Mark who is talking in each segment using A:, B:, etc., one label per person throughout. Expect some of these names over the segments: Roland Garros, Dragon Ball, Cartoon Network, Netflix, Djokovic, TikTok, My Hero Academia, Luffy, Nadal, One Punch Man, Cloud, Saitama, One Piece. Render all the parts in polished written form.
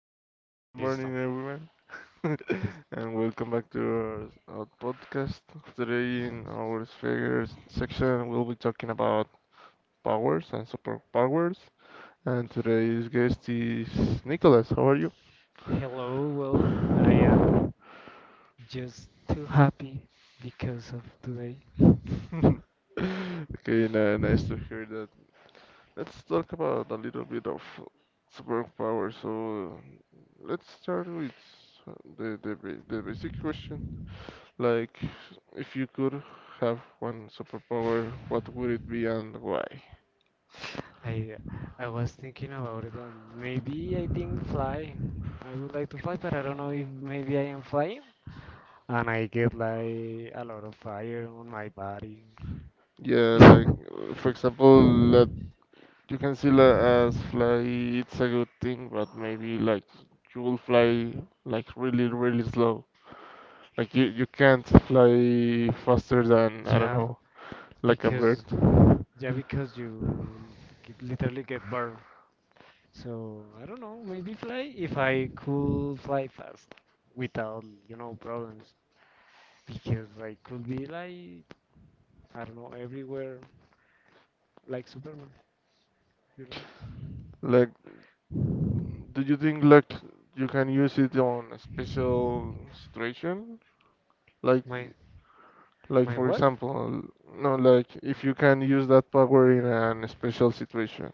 A: good
B: Listo.
A: morning, everyone,
B: Lis-
A: and welcome back to our podcast. Today, in our sphere section, we'll be talking about powers and superpowers. And today's guest is Nicholas. How are you?
B: Hello, well, I am just too happy because of today.
A: Okay, nice to hear that. Let's talk about a little bit of superpowers. So, let's start with the basic question. Like, if you could have one superpower, what would it be and why?
B: I I was thinking about it and maybe I think fly. I would like to fly, but I don't know if maybe I am flying. And I get like a lot of fire on my body.
A: Yeah, like, for example, that you can see like, as fly, it's a good thing, but maybe like you will fly like really, really slow. Like, you can't fly faster than, I don't
B: Yeah,
A: know, like a bird.
B: because yeah, because you literally get burned. So I don't know, maybe fly if I could fly fast without problems. Because I could be like I don't know, everywhere like Superman, you know.
A: Like, do you think like you can use it on a special situation? Like,
B: My
A: Like
B: my
A: for
B: what?
A: example, no, like if you can use that power in an special situation.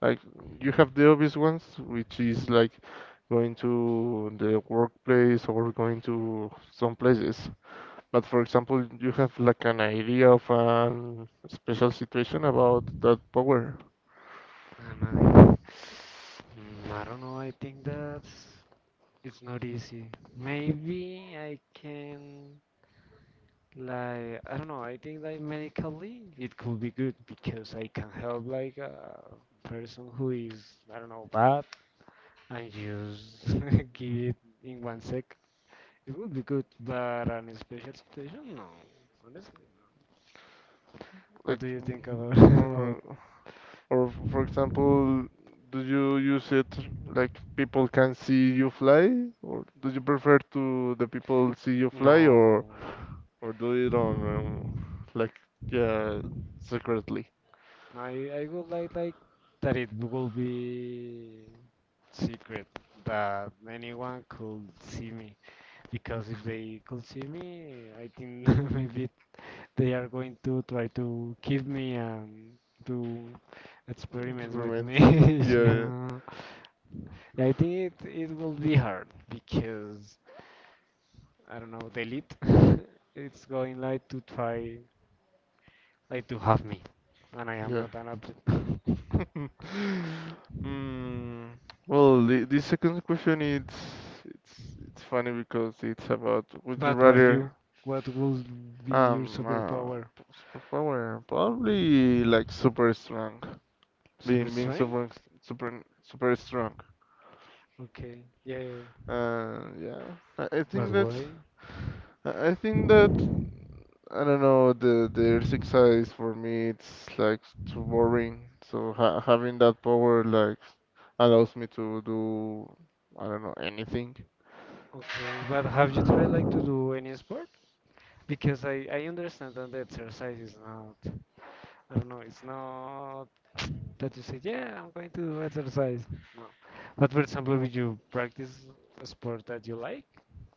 A: Like you have the obvious ones, which is like going to the workplace or going to some places. But for example, you have like an idea of a special situation about that power.
B: Uh, my I don't know, I think that's it's not easy. Maybe I can like I don't know, I think like medically it could be good because I can help like a person who is I don't know bad and just give it in one sec. It would be good, but on a special situation, no. Honestly, what
A: Like,
B: do you think about
A: uh,
B: about?
A: or for example, do you use it like people can see you fly, or do you prefer to the people see you
B: No,
A: fly,
B: no.
A: or do it on like yeah secretly?
B: I would like that it will be secret that anyone could see me because if they could see me, I think maybe they are going to try to keep me and do
A: It
B: experiments with
A: remains.
B: me.
A: Yeah,
B: Yeah. Yeah, I think it will be hard because I don't know, the elite it's going like to try like to have me and I
A: yeah,
B: am
A: yeah.
B: not an object.
A: mm, well, the second question it's it's funny because it's about would you
B: But
A: rather
B: you, what will be your
A: um uh,
B: superpower?
A: superpower probably like super strong.
B: Super
A: Being
B: strength?
A: super super super strong.
B: Okay. Yeah. Yeah, yeah.
A: Yeah, I
B: But
A: think that
B: why?
A: I think that I don't know the earth exercise for me it's like too boring. So ha having that power like allows me to do I don't know anything.
B: Okay. But have you tried like to do any sport? Because I understand that the exercise is not. I don't know. It's not that you say, yeah, I'm going to exercise. No. But for example, if you practice a sport that you like,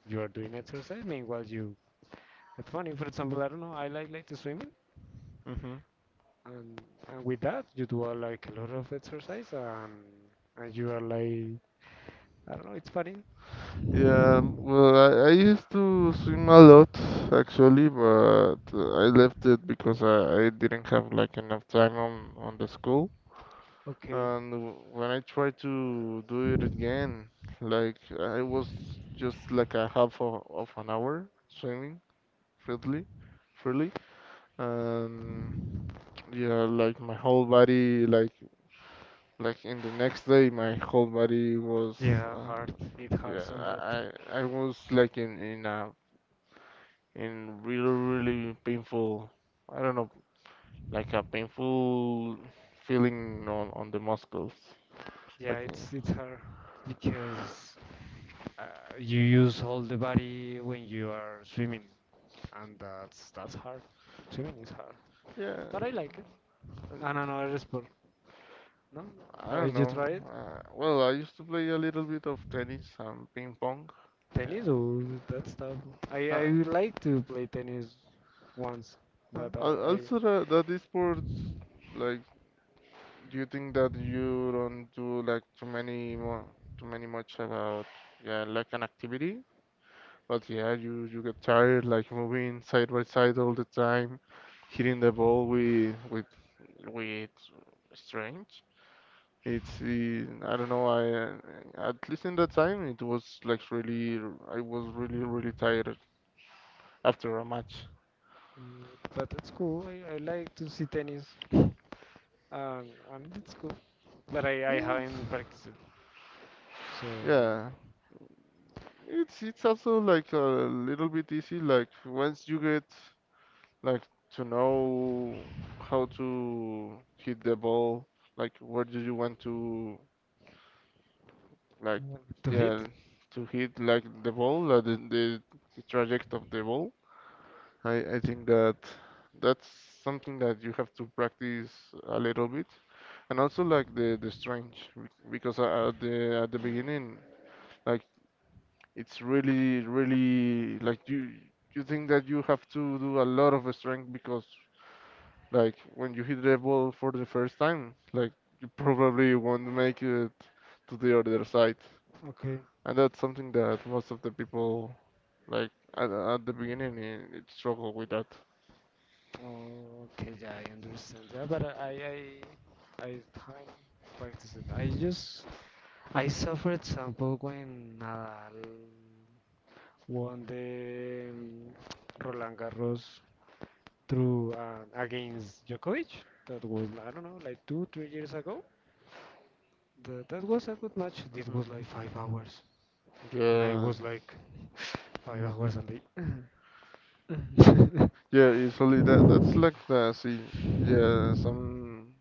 B: you are doing exercise. Meanwhile, you. It's funny. For example, I don't know. I like to swimming,
A: Hmm.
B: and, and with that, you do like a lot of exercise, and you are like, I don't know. It's funny.
A: Yeah, well, I used to swim a lot actually, but I left it because I didn't have like enough time on the school. And when I tried to do it again, like I was just like a half of an hour swimming freely, freely, and yeah, like my whole body, like in the next day, my whole body was,
B: Yeah,
A: uh,
B: hard. It
A: yeah,
B: hurts a lot.
A: I was like in a in really really painful, I don't know, like a painful feeling on the muscles,
B: Yeah,
A: like
B: it's it's hard because uh, you use all the body when you are swimming, and that's hard. Swimming is hard,
A: yeah.
B: but I like it.
A: and-
B: And another sport, no?
A: I
B: Have
A: don't
B: you
A: know.
B: tried
A: Well, I used to play a little bit of tennis and ping pong. Yeah.
B: tennis or that stuff? I
A: Uh,
B: would like to play tennis once, but I, I
A: also, that esports, like, do you think that you don't do like too many more, too many much about, yeah, like an activity? But yeah, you get tired, like moving side by side all the time, hitting the ball with strange. It's I don't know I at least in that time it was like really I was really really tired after a match.
B: but it's cool. I like to see tennis, and and it's cool. But I
A: Yeah.
B: haven't practiced it. So
A: Yeah, it's also like a little bit easy. Like once you get like to know how to hit the ball, like where do you want to like
B: mm, to
A: yeah
B: hit?
A: to hit like the ball, like the traject of the ball. I think that that's something that you have to practice a little bit, and also like the strange because at the beginning, like it's really really like you think that you have to do a lot of strength because like when you hit the ball for the first time, like you probably won't make it to the other side,
B: Okay.
A: and that's something that most of the people like at the beginning eh, it struggle with that.
B: Okay, yeah, I understand. Yeah, but I can't practice it. I just I saw for example when Nadal won the Roland Garros through against Djokovic. That was I don't know like two three years ago. That was a good match. It
A: Mhm.
B: was like 5 hours, and I
A: Yeah,
B: was like 5 hours, and they Mm.
A: yeah, usually that that's like the see, yeah, some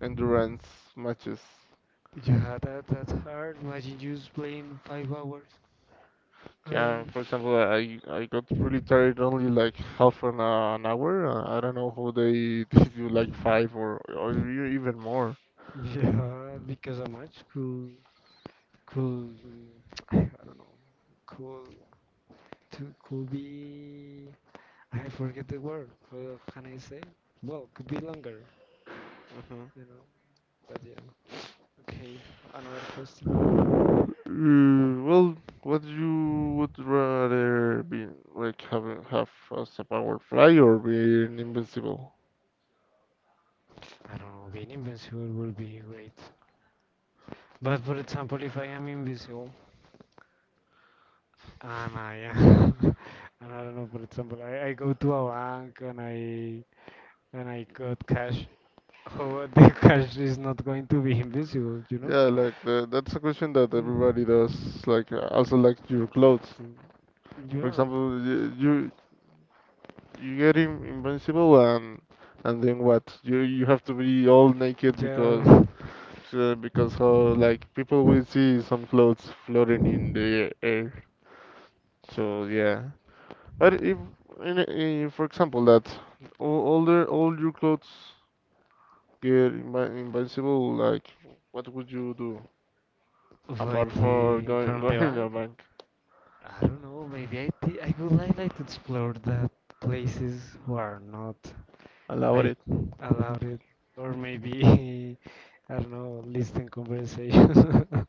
A: endurance matches.
B: Yeah, that that's hard. Imagine you just playing 5 hours.
A: Yeah,
B: Um,
A: for example, I got really tired only like half an hour. I don't know how they did you like five or even more.
B: yeah, because a match could I don't know could could be I forget the word. How can I say? Well, could be longer,
A: Hmm.
B: you know. But yeah. Okay, another question.
A: Well, what you would rather be like have as a power fly or be invincible?
B: I don't know. Being invisible would be great. But for example, if I am invisible, Um, I, and I don't know, for example, I go to a bank and I got cash. How the cash is not going to be invisible, you know?
A: Yeah, like that's a question that
B: Mm.
A: everybody does. Like also like your clothes. For
B: Yeah.
A: example, you you get in, invincible and then what? You have to be all naked
B: Yeah.
A: because how like people will see some clothes floating in the air. So yeah, but if in, in, for example that all your clothes get invi invincible, like what would you do
B: Wait,
A: apart for going
B: from the
A: going in a
B: bank?
A: bank?
B: I don't know, maybe I would like to explore that places who are not
A: Allow
B: like
A: it.
B: allowed it. Or maybe, I don't know, listen conversation.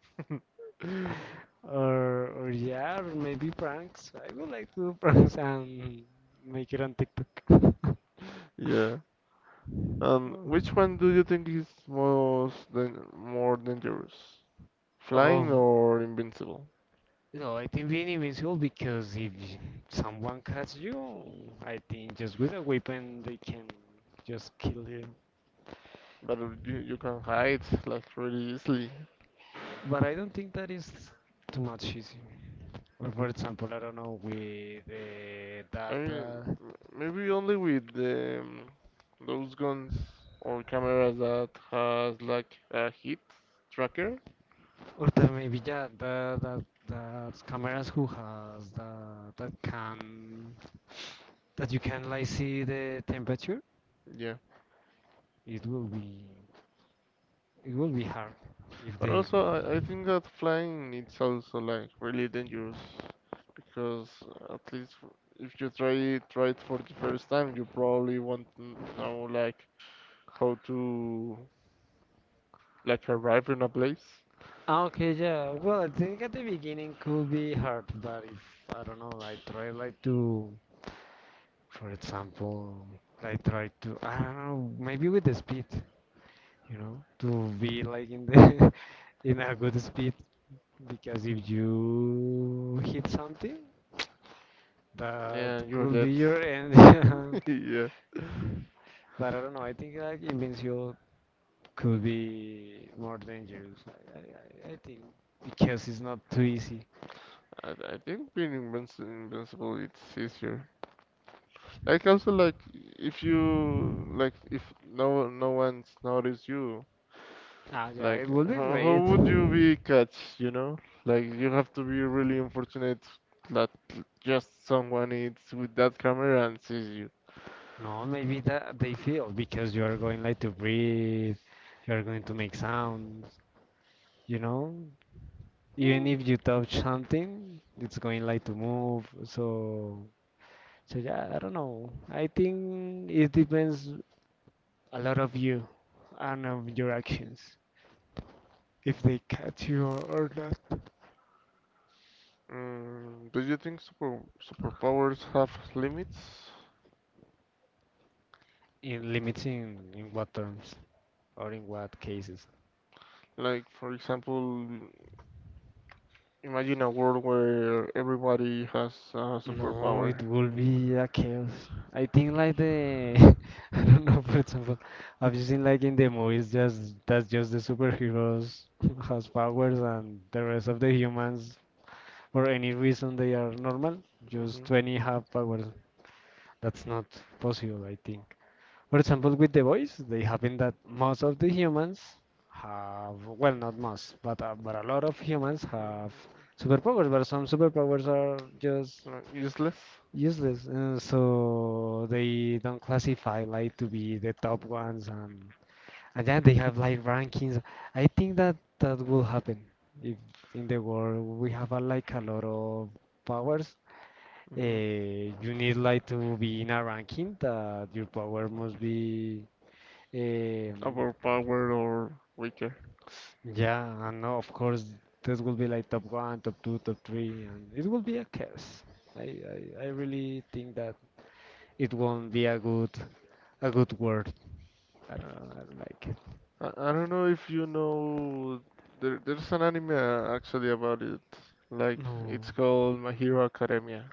B: Or yeah, or maybe pranks. I would like to do pranks and make it on TikTok.
A: Yeah. Which one do you think is most dan more dangerous?
B: Oh,
A: Flying or invincible?
B: No, I think being invincible because if someone cuts you, I think just with a weapon they can just kill you.
A: But you, you can hide like really easily.
B: But I don't think that is too much easy. Or for example, I don't know, with that,
A: Maybe maybe only with those guns or cameras that has like a hit tracker.
B: or there maybe yeah, that cameras who has the that can that you can like see the temperature,
A: Yeah.
B: it will be it will be hard if
A: But
B: they.
A: also I think that flying it's also like really dangerous because at least if you try it for the first time you probably won't know like how to like arrive in a place
B: Ah, okay, yeah. Well, I think at the beginning could be hard, but if I don't know, I try like to, for example, like try to I don't know, maybe with the speed, to be like in the in a good speed because if you hit something, that
A: and you're
B: could
A: dead.
B: be your end.
A: Yeah,
B: But I don't know. I think like invincible could be more dangerous. I think because it's not too easy.
A: I think being invinci invincible it's easier. Like also like if you like if no no one's noticed you,
B: Ah, yeah, it
A: like
B: would be
A: how
B: great.
A: would you be catch, you know? Like you have to be really unfortunate that just someone is with that camera and sees you.
B: No, maybe that they feel because you are going like to breathe, you are going to make sounds, you know? Even if you touch something, it's going like to move. So yeah, I don't know. I think it depends a lot of you and of your actions, if they catch you or not.
A: Mm, do you think superpowers have limits?
B: In limiting in what terms or in what cases?
A: Like for example, imagine a world where everybody has a
B: No, it
A: superpower.
B: will be a chaos. I think like the I don't know, for example, I've seen like in the movies just that's just the superheroes has powers and the rest of the humans for any reason they are normal.
A: Hmm.
B: Just 20 have powers. That's not possible, I think. For example, with the voice, they happen that most of the humans have, well, not most, but a lot of humans have superpowers, but some superpowers are just
A: Like useless,
B: useless, so they don't classify like to be the top ones, and then they have like rankings. I think that that will happen if in the world we have like a lot of powers.
A: hmm,
B: You need like to be in a ranking that your power must be um,
A: overpowered or weaker.
B: yeah, and of course, this will be like top one, top two, top three, and it will be a chaos. I really think that it won't be a good word. I don't know, I don't like it.
A: I don't know if you know. There's an anime actually about it. Like it's
B: No,
A: called My Hero Academia.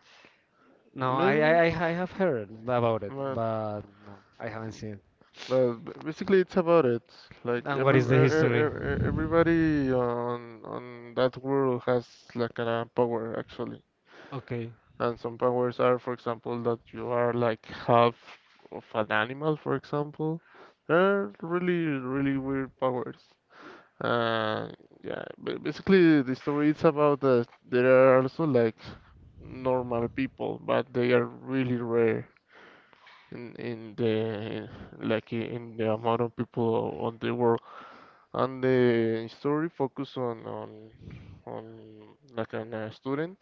B: no, I, I, I
A: Maybe.
B: I have heard about it,
A: Man,
B: but no, I haven't seen it.
A: well, basically, it's about it. Like
B: And what
A: every
B: is the history?
A: everybody on that world has like a power actually,
B: Okay,
A: and some powers are, for example, that you are like half of an animal, for example. They're really really weird powers. Uh, yeah. Basically, the story is about that there are also like normal people, but they are really rare in the like in the amount of people on the world and the story focus on like on a student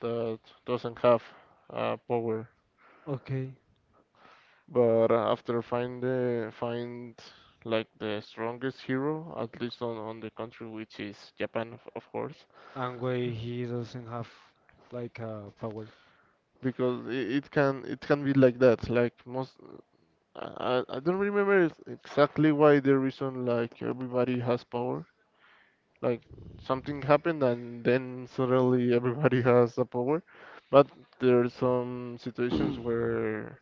A: that doesn't have power
B: okay.
A: but after find like the strongest hero at least on the country which is Japan of course
B: And why he doesn't have like power?
A: because it can be like that like most I, I don't remember exactly why the reason like everybody has power. Like something happened and then suddenly everybody has the power. But there are some situations where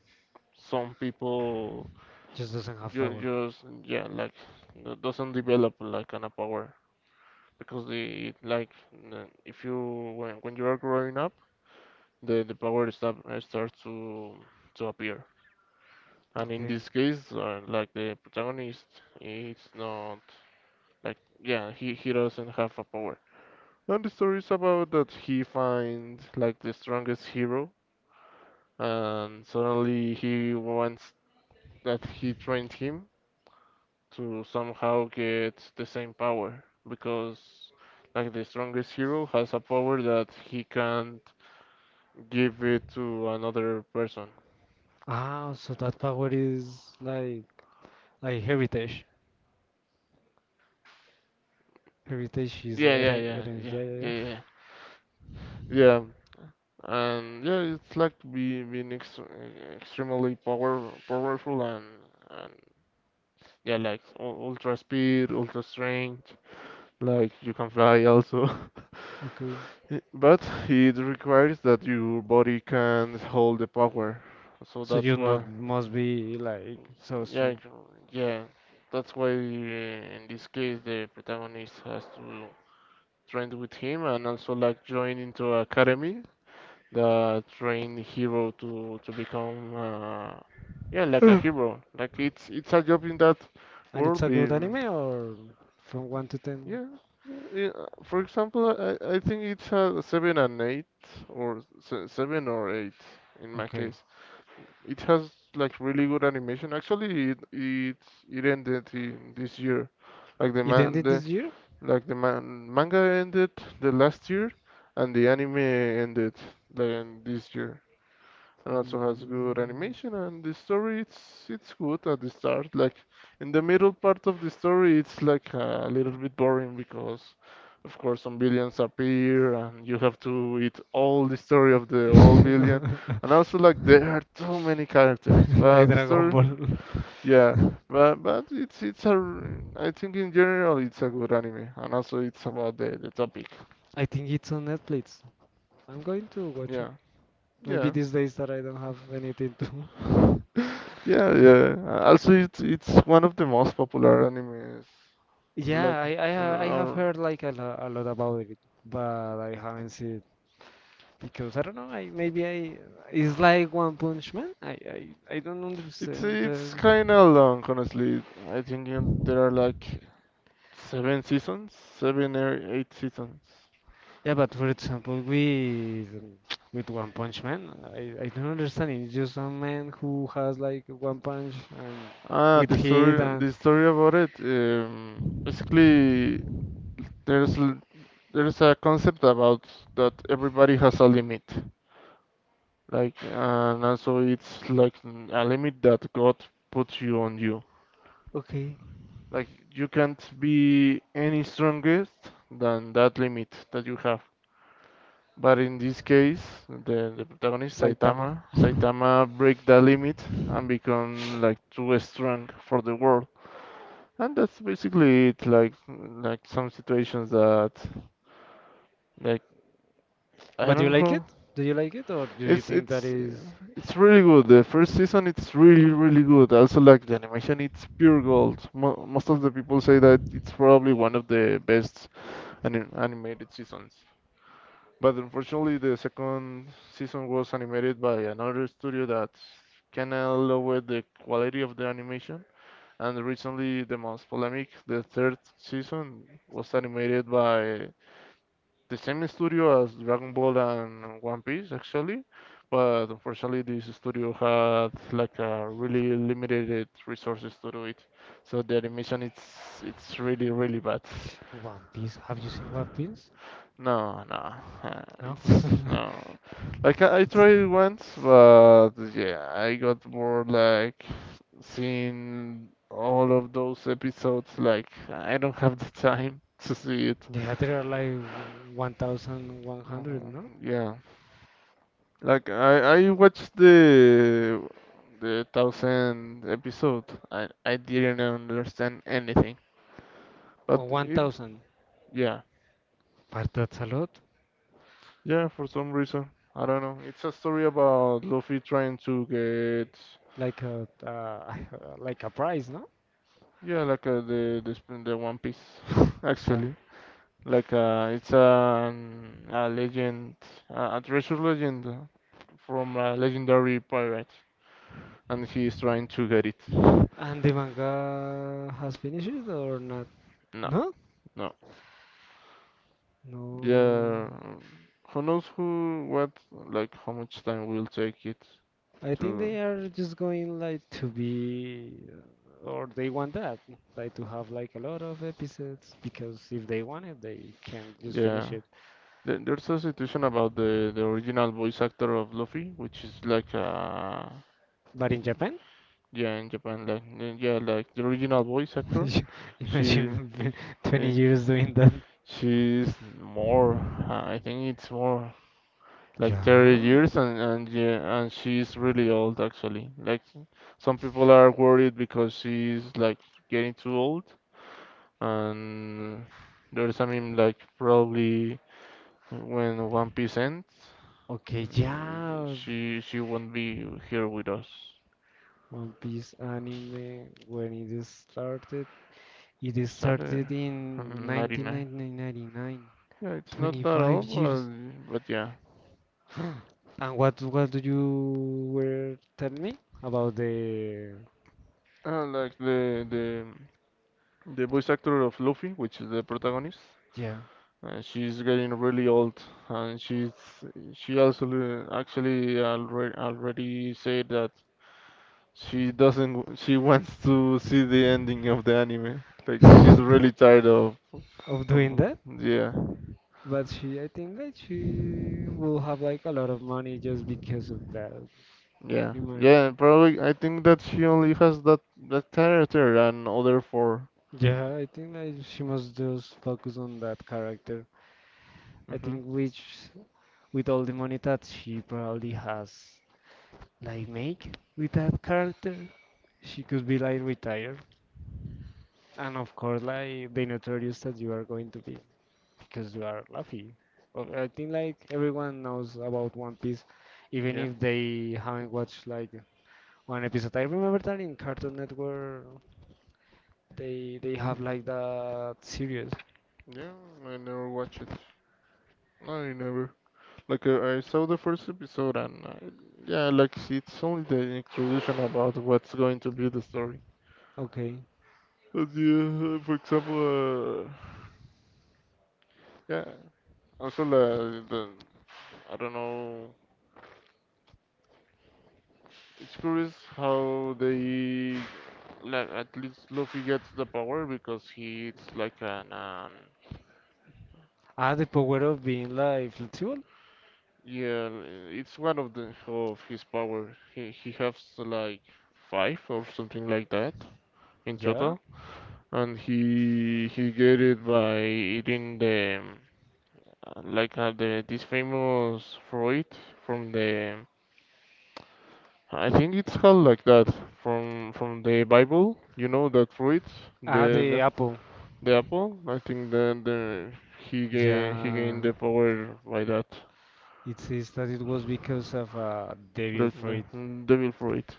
A: some people
B: Just doesn't have
A: ju
B: power.
A: just yeah like doesn't develop like kind of power because the like if you when you are growing up the power start starts to appear. And in
B: Okay.
A: this case, like the protagonist, it's not like yeah he doesn't have a power. And the story is about that he finds like the strongest hero, and suddenly he wants that he trained him to somehow get the same power because like the strongest hero has a power that he can't give it to another person.
B: Ah, so that power is like heritage. Heritage is
A: Yeah, yeah, yeah,
B: heritage.
A: yeah,
B: Yeah, yeah, yeah.
A: yeah, yeah. Yeah, yeah, and yeah, it's like be, being ex extremely powerful and yeah, like ultra speed, ultra strength, like you can fly also.
B: Okay.
A: I- But it requires that your body can hold the power. So
B: So
A: that's
B: you
A: why,
B: not must be like so
A: yeah,
B: strong.
A: yeah, that's why in this case the protagonist has to train with him and also like join into academy that train hero to become yeah like a
B: Huh.
A: hero. Like it's a job in that
B: And it's
A: world.
B: a good
A: Be-
B: anime or from one to ten?
A: Yeah, yeah, yeah. Uh, for example, I think it's a seven and eight or seven or eight in my
B: Okay.
A: case. It has like really good animation. Actually, it ended in this year. Like
B: It ended
A: the
B: this year?
A: like the man manga ended the last year, and the anime ended then this year and also has good animation and the story it's good at the start
B: Mm,
A: like in the middle part of the story it's like a little bit boring because of course some billions appear and you have to eat all the story of the whole billion and also like there are too many characters but
B: like
A: the
B: Dragon
A: story
B: Ball.
A: yeah but it's a I think in general it's a good anime and also it's about the topic.
B: I think it's on Netflix. I'm going to watch it.
A: Yeah,
B: Maybe
A: yeah.
B: these days that I don't have anything to.
A: Yeah, yeah. Also, it's one of the most popular animes. Like,
B: Yeah, I I,
A: you know,
B: ha- I have
A: our-
B: heard like a lot about it, but I haven't seen it because I don't know. I maybe I it's like One Punch Man. I, I don't understand the.
A: it's kind of long, honestly. I think there are like seven seasons, seven or eight seasons.
B: Yeah, but for example, with with One Punch Man, I don't understand. It's just a man who has like one punch and
A: Ah,
B: with heat and
A: the story about it. Basically, there's l- there's a concept about that everybody has a limit, like, and also it's like a limit that God puts you on you.
B: okay,
A: Like you can't be any strongest than that limit that you have. But in this case, the protagonist
B: Saitama.
A: Saitama, Saitama break that limit and become like too strong for the world. And that's basically it. Like some situations that like I
B: But you
A: don't
B: like it?
A: know.
B: Do you like it, or do you
A: It's
B: think that
A: it's uh,
B: is
A: it's really good. The first season it's really good. Also like the animation, it's pure gold. Mo most of the people say that it's probably one of the best animated seasons. But unfortunately, the second season was animated by another studio that kind of lowered the quality of the animation. And recently, the most polemic, the third season, was animated by the same studio as Dragon Ball and One Piece, actually. But unfortunately, this studio had like a really limited resources to do it. So the animation it's really bad.
B: One Piece? Have you seen One Piece?
A: No, no,
B: No.
A: it's no. Like I tried it once, but yeah, I got bored. Like seeing all of those episodes, like I don't have the time to see it.
B: Yeah, there are like 1,100,
A: Mhm.
B: no?
A: Yeah, like I watched the thousand episode. I didn't understand anything, but
B: Or
A: it,
B: 1,000.
A: yeah,
B: But that's a lot.
A: yeah, for some reason I don't know. It's a story about Luffy trying to get.
B: Like a like a price, no?
A: Yeah, like the the One Piece,
B: Yeah.
A: actually. Like it's an, a legend, a treasure legend from a legendary pirate, and he is trying to get it.
B: And the manga has finished or not?
A: No,
B: No?
A: no.
B: No.
A: Yeah, who knows who, what, like how much time will take it
B: I think
A: to.
B: they are just going like to be or they want that, like to have like a lot of episodes because if they want it, they can just finish
A: Yeah,
B: it.
A: there- there's a situation about the original voice actor of Luffy, which is like
B: But in Japan,
A: yeah, in Japan, like yeah, like the original voice actor. She.
B: Imagine 20
A: Eh,
B: years doing that.
A: She's more. I think it's more like 30
B: Yeah.
A: years, and yeah, and she's really old actually. Like some people are worried because she's like getting too old, and there's, I mean, like probably when One Piece ends,
B: Okay, yeah.
A: she won't be here with us.
B: One Piece anime, when it
A: Started
B: started in
A: in 99.
B: 1999.
A: Yeah, it's not that
B: 25
A: old,
B: years.
A: but yeah.
B: And what do you were tell me about the
A: Like the voice actor of Luffy, which is the protagonist,
B: yeah
A: and she's getting really old, and she's, she also actually already said that she doesn't she wants to see the ending of the anime. Like she's really tired of,
B: of doing
A: of
B: that?
A: yeah,
B: But she, I think that she will have like a lot of money just because of that.
A: yeah, yeah, probably I think that she only has that that character and other 4.
B: Yeah, I think like she must just focus on that character. I
A: Hmm.
B: think which with all the money that she probably has like make with that character, she could be like retired. And of course like the notorious that you are going to be because you are Luffy. Well, I think like everyone knows about One Piece, even
A: Yeah.
B: if they haven't watched like one episode. I remember that in Cartoon Network they have
A: Mm,
B: like that series.
A: yeah, I never watched it. I never. Like I saw the first episode, and yeah, like it's only the introduction about what's going to be the story.
B: Okay.
A: But yeah, for example, yeah, also the I don't know. It's curious how they, like, at least Luffy gets the power because he it's like an
B: Ah, the power of being like flexible?
A: yeah, it's one of the of his power. He has like five or something like that in
B: Yeah.
A: total. And he get it by eating the like the this famous fruit from the I think it's called like that from the Bible. You know that fruit, the
B: Ah, the
A: the,
B: apple.
A: the apple. I think that the he gain, he
B: Yeah.
A: gained the power by that.
B: It says that it was because of devil
A: Look, the
B: fruit.
A: devil fruit.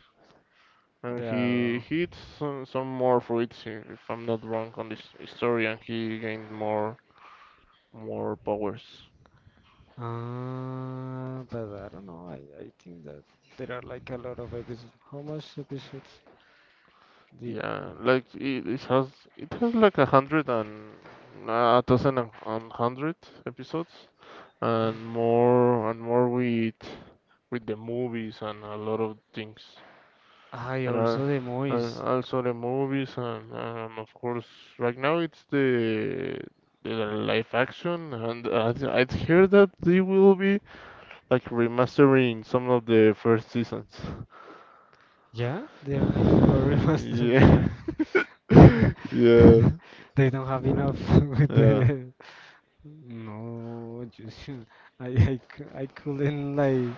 A: And he
B: The
A: he eats some more fruits, I- if I'm not wrong on this story, and he gained more more powers.
B: ah, but I don't know. I think that there are like a lot of episodes. How much episodes did
A: Yeah, like it, it has like a hundred and a thousand and hundred episodes, and more with the movies and a lot of things,
B: I
A: and uh,
B: also the
A: and
B: movies?
A: also the movies and of course right now it's the live action, and I I'd hear that they will be like remastering some of the first seasons.
B: Yeah, they are going to do a remaster.
A: Yeah, yeah,
B: They don't have enough with
A: yeah.
B: the no. Just, I couldn't like.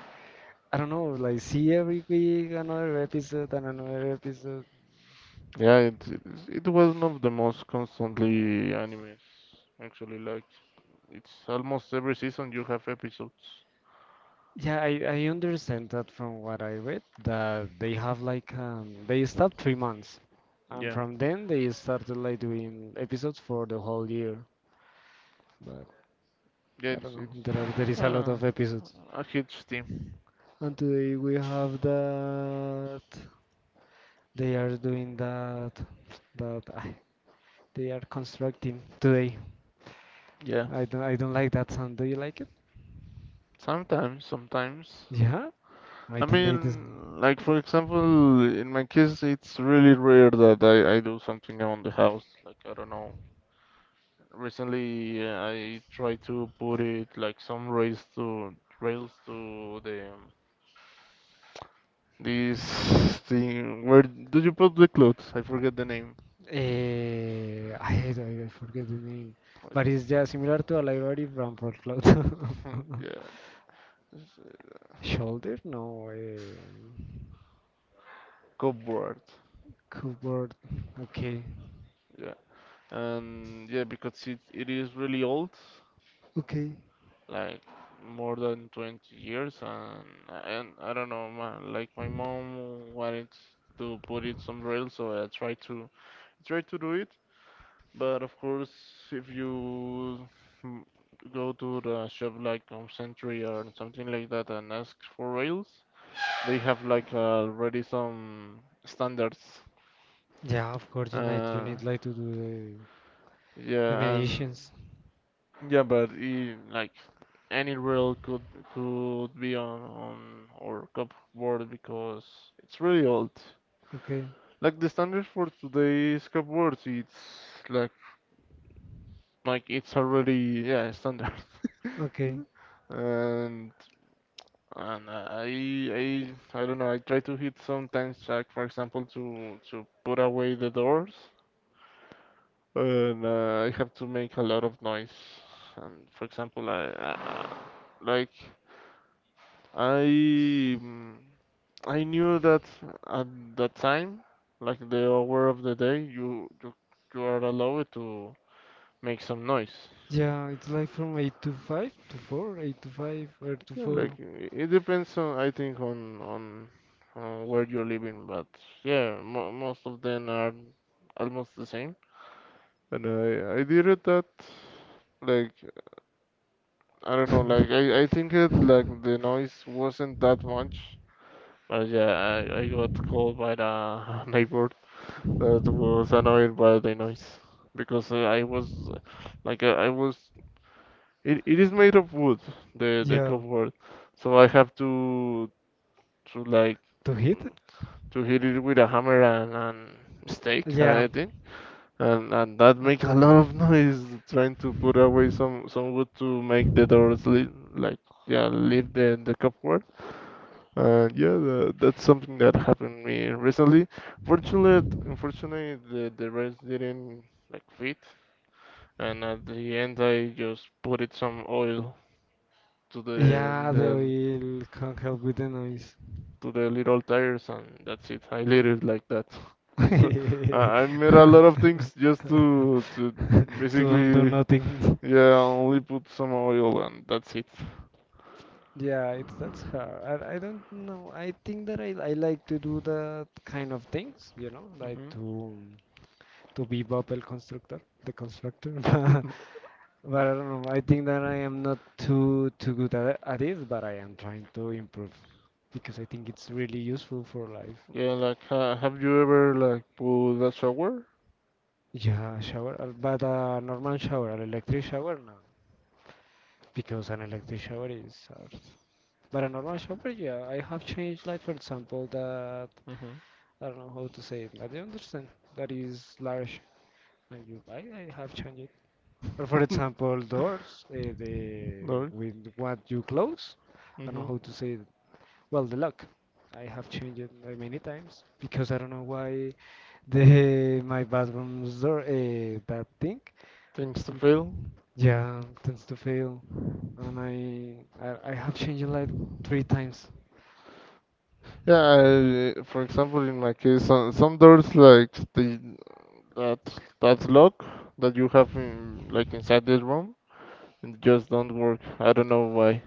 B: I don't know, like see every week another episode and another episode.
A: Yeah, it was one of the most constantly animes. Actually, like it's almost every season you have episodes.
B: Yeah, I understand that from what I read that they have like they stopped 3 months, and
A: Yeah,
B: from then they started like doing episodes for the whole year. But
A: yeah,
B: I
A: it's
B: don't know, there
A: it's
B: is a lot of episodes,
A: a huge team.
B: and today we have that they are doing that that I they are constructing today.
A: Yeah,
B: I don't like that sound. Do you like it?
A: sometimes, sometimes.
B: Yeah, I
A: I
B: think they do.
A: mean, like for example, in my case, it's really rare that I do something around the house. Like I don't know. Recently, I tried to put it like some rails to rails to the this thing, where do you put the clothes? I forget the name.
B: Eh, I, I forget the name,
A: What-
B: but it's just similar to a library from Cloud.
A: Yeah, it's a
B: Shoulder? No,
A: cupboard.
B: cupboard. Okay,
A: Yeah, and yeah, because it is really old,
B: okay.
A: like more than 20 years, and I don't know, man. Like my mom wanted to put it some rail, so I tried to tried to do it. But of course, if you mm, go to the shop like Home Century or something like that and ask for rails, they have like already some standards.
B: Yeah, of course you need you
A: Uh,
B: need like to do the
A: yeah, and
B: mediations.
A: yeah, but I like any rail could be on our cupboard because it's really old.
B: Okay,
A: Like the standard for today's cupboards, it's like like it's already yeah standard.
B: okay.
A: and And I don't know. I try to hit sometimes, like for example, to put away the doors, and I have to make a lot of noise. And for example, I like I mm, I knew that at that time, like the hour of the day, you are allowed to make some noise.
B: Yeah, it's like from eight to five to four, eight to five or to
A: Yeah, like
B: four.
A: it depends on I think on where you're living, but yeah, mo most of them are almost the same. And I did it that like I don't know like I think it like the noise wasn't that much. But yeah, I got called by the neighbor that was annoyed by the noise because I was like I was it, it is made of wood the
B: Yeah,
A: cupboard, so I have to like
B: to hit.
A: to hit it with a hammer and stake,
B: Yeah.
A: I think. And that
B: A
A: make a
B: cou-
A: lot of noise trying to put away some wood to make the doors leave, like yeah leave the cupboard. Yeah, that's something that happened to me recently. Fortunately, unfortunately, the rest didn't like fit, and at the end I just put it some oil to
B: Yeah, the
A: the
B: oil can't help with the noise.
A: to the little tires, and that's it. I did it like that. I made a lot of things just to
B: To don't do
A: basically,
B: nothing.
A: yeah, only put some oil and that's it.
B: Yeah, it's that's hard. I don't know. I think that I like to do that kind of things, like
A: Hmm.
B: to be bubble constructor, the constructor. But I don't know. I think that I am not too good at it, but I am trying to improve because I think it's really useful for life.
A: Yeah, like, have you ever like put a shower?
B: Yeah, shower, but a normal shower, an electric shower, no, because an electric shower is hard. But a normal shower, yeah, I have changed, like for example, that.
A: Mm-hmm.
B: I don't know how to say it, but I understand that is large and you buy. I have changed it. Or for example, doors, the
A: Doors.
B: with what you close. I don't know
A: Mm-hmm.
B: how to say it. Well, the lock. I have changed it many times because I don't know why the my bathroom's door that thing.
A: Things to
B: It,
A: fill.
B: yeah, tends to fail, and I have changed it like three times.
A: Yeah, I, for example, in my case, some doors like the that that lock that you have in like inside this room it just don't work. I don't know why.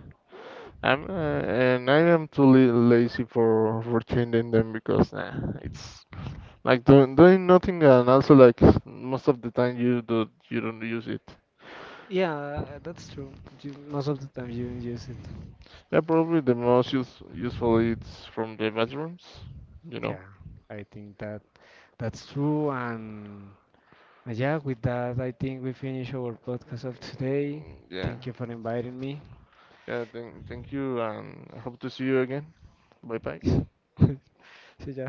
A: I'm and I am too lazy for changing them because nah, it's like doing nothing and also like most of the time you do you don't use it.
B: Yeah, that's true. You, most of the time you don't use it.
A: Yeah, probably the most use, useful it's from the bathrooms, you know.
B: Yeah, I think that that's true. And yeah, with that, I think we finish our podcast of today.
A: Mm. Yeah.
B: Thank you for inviting me.
A: Yeah, thank, thank you and I hope to see you again. Bye bye.
B: See ya.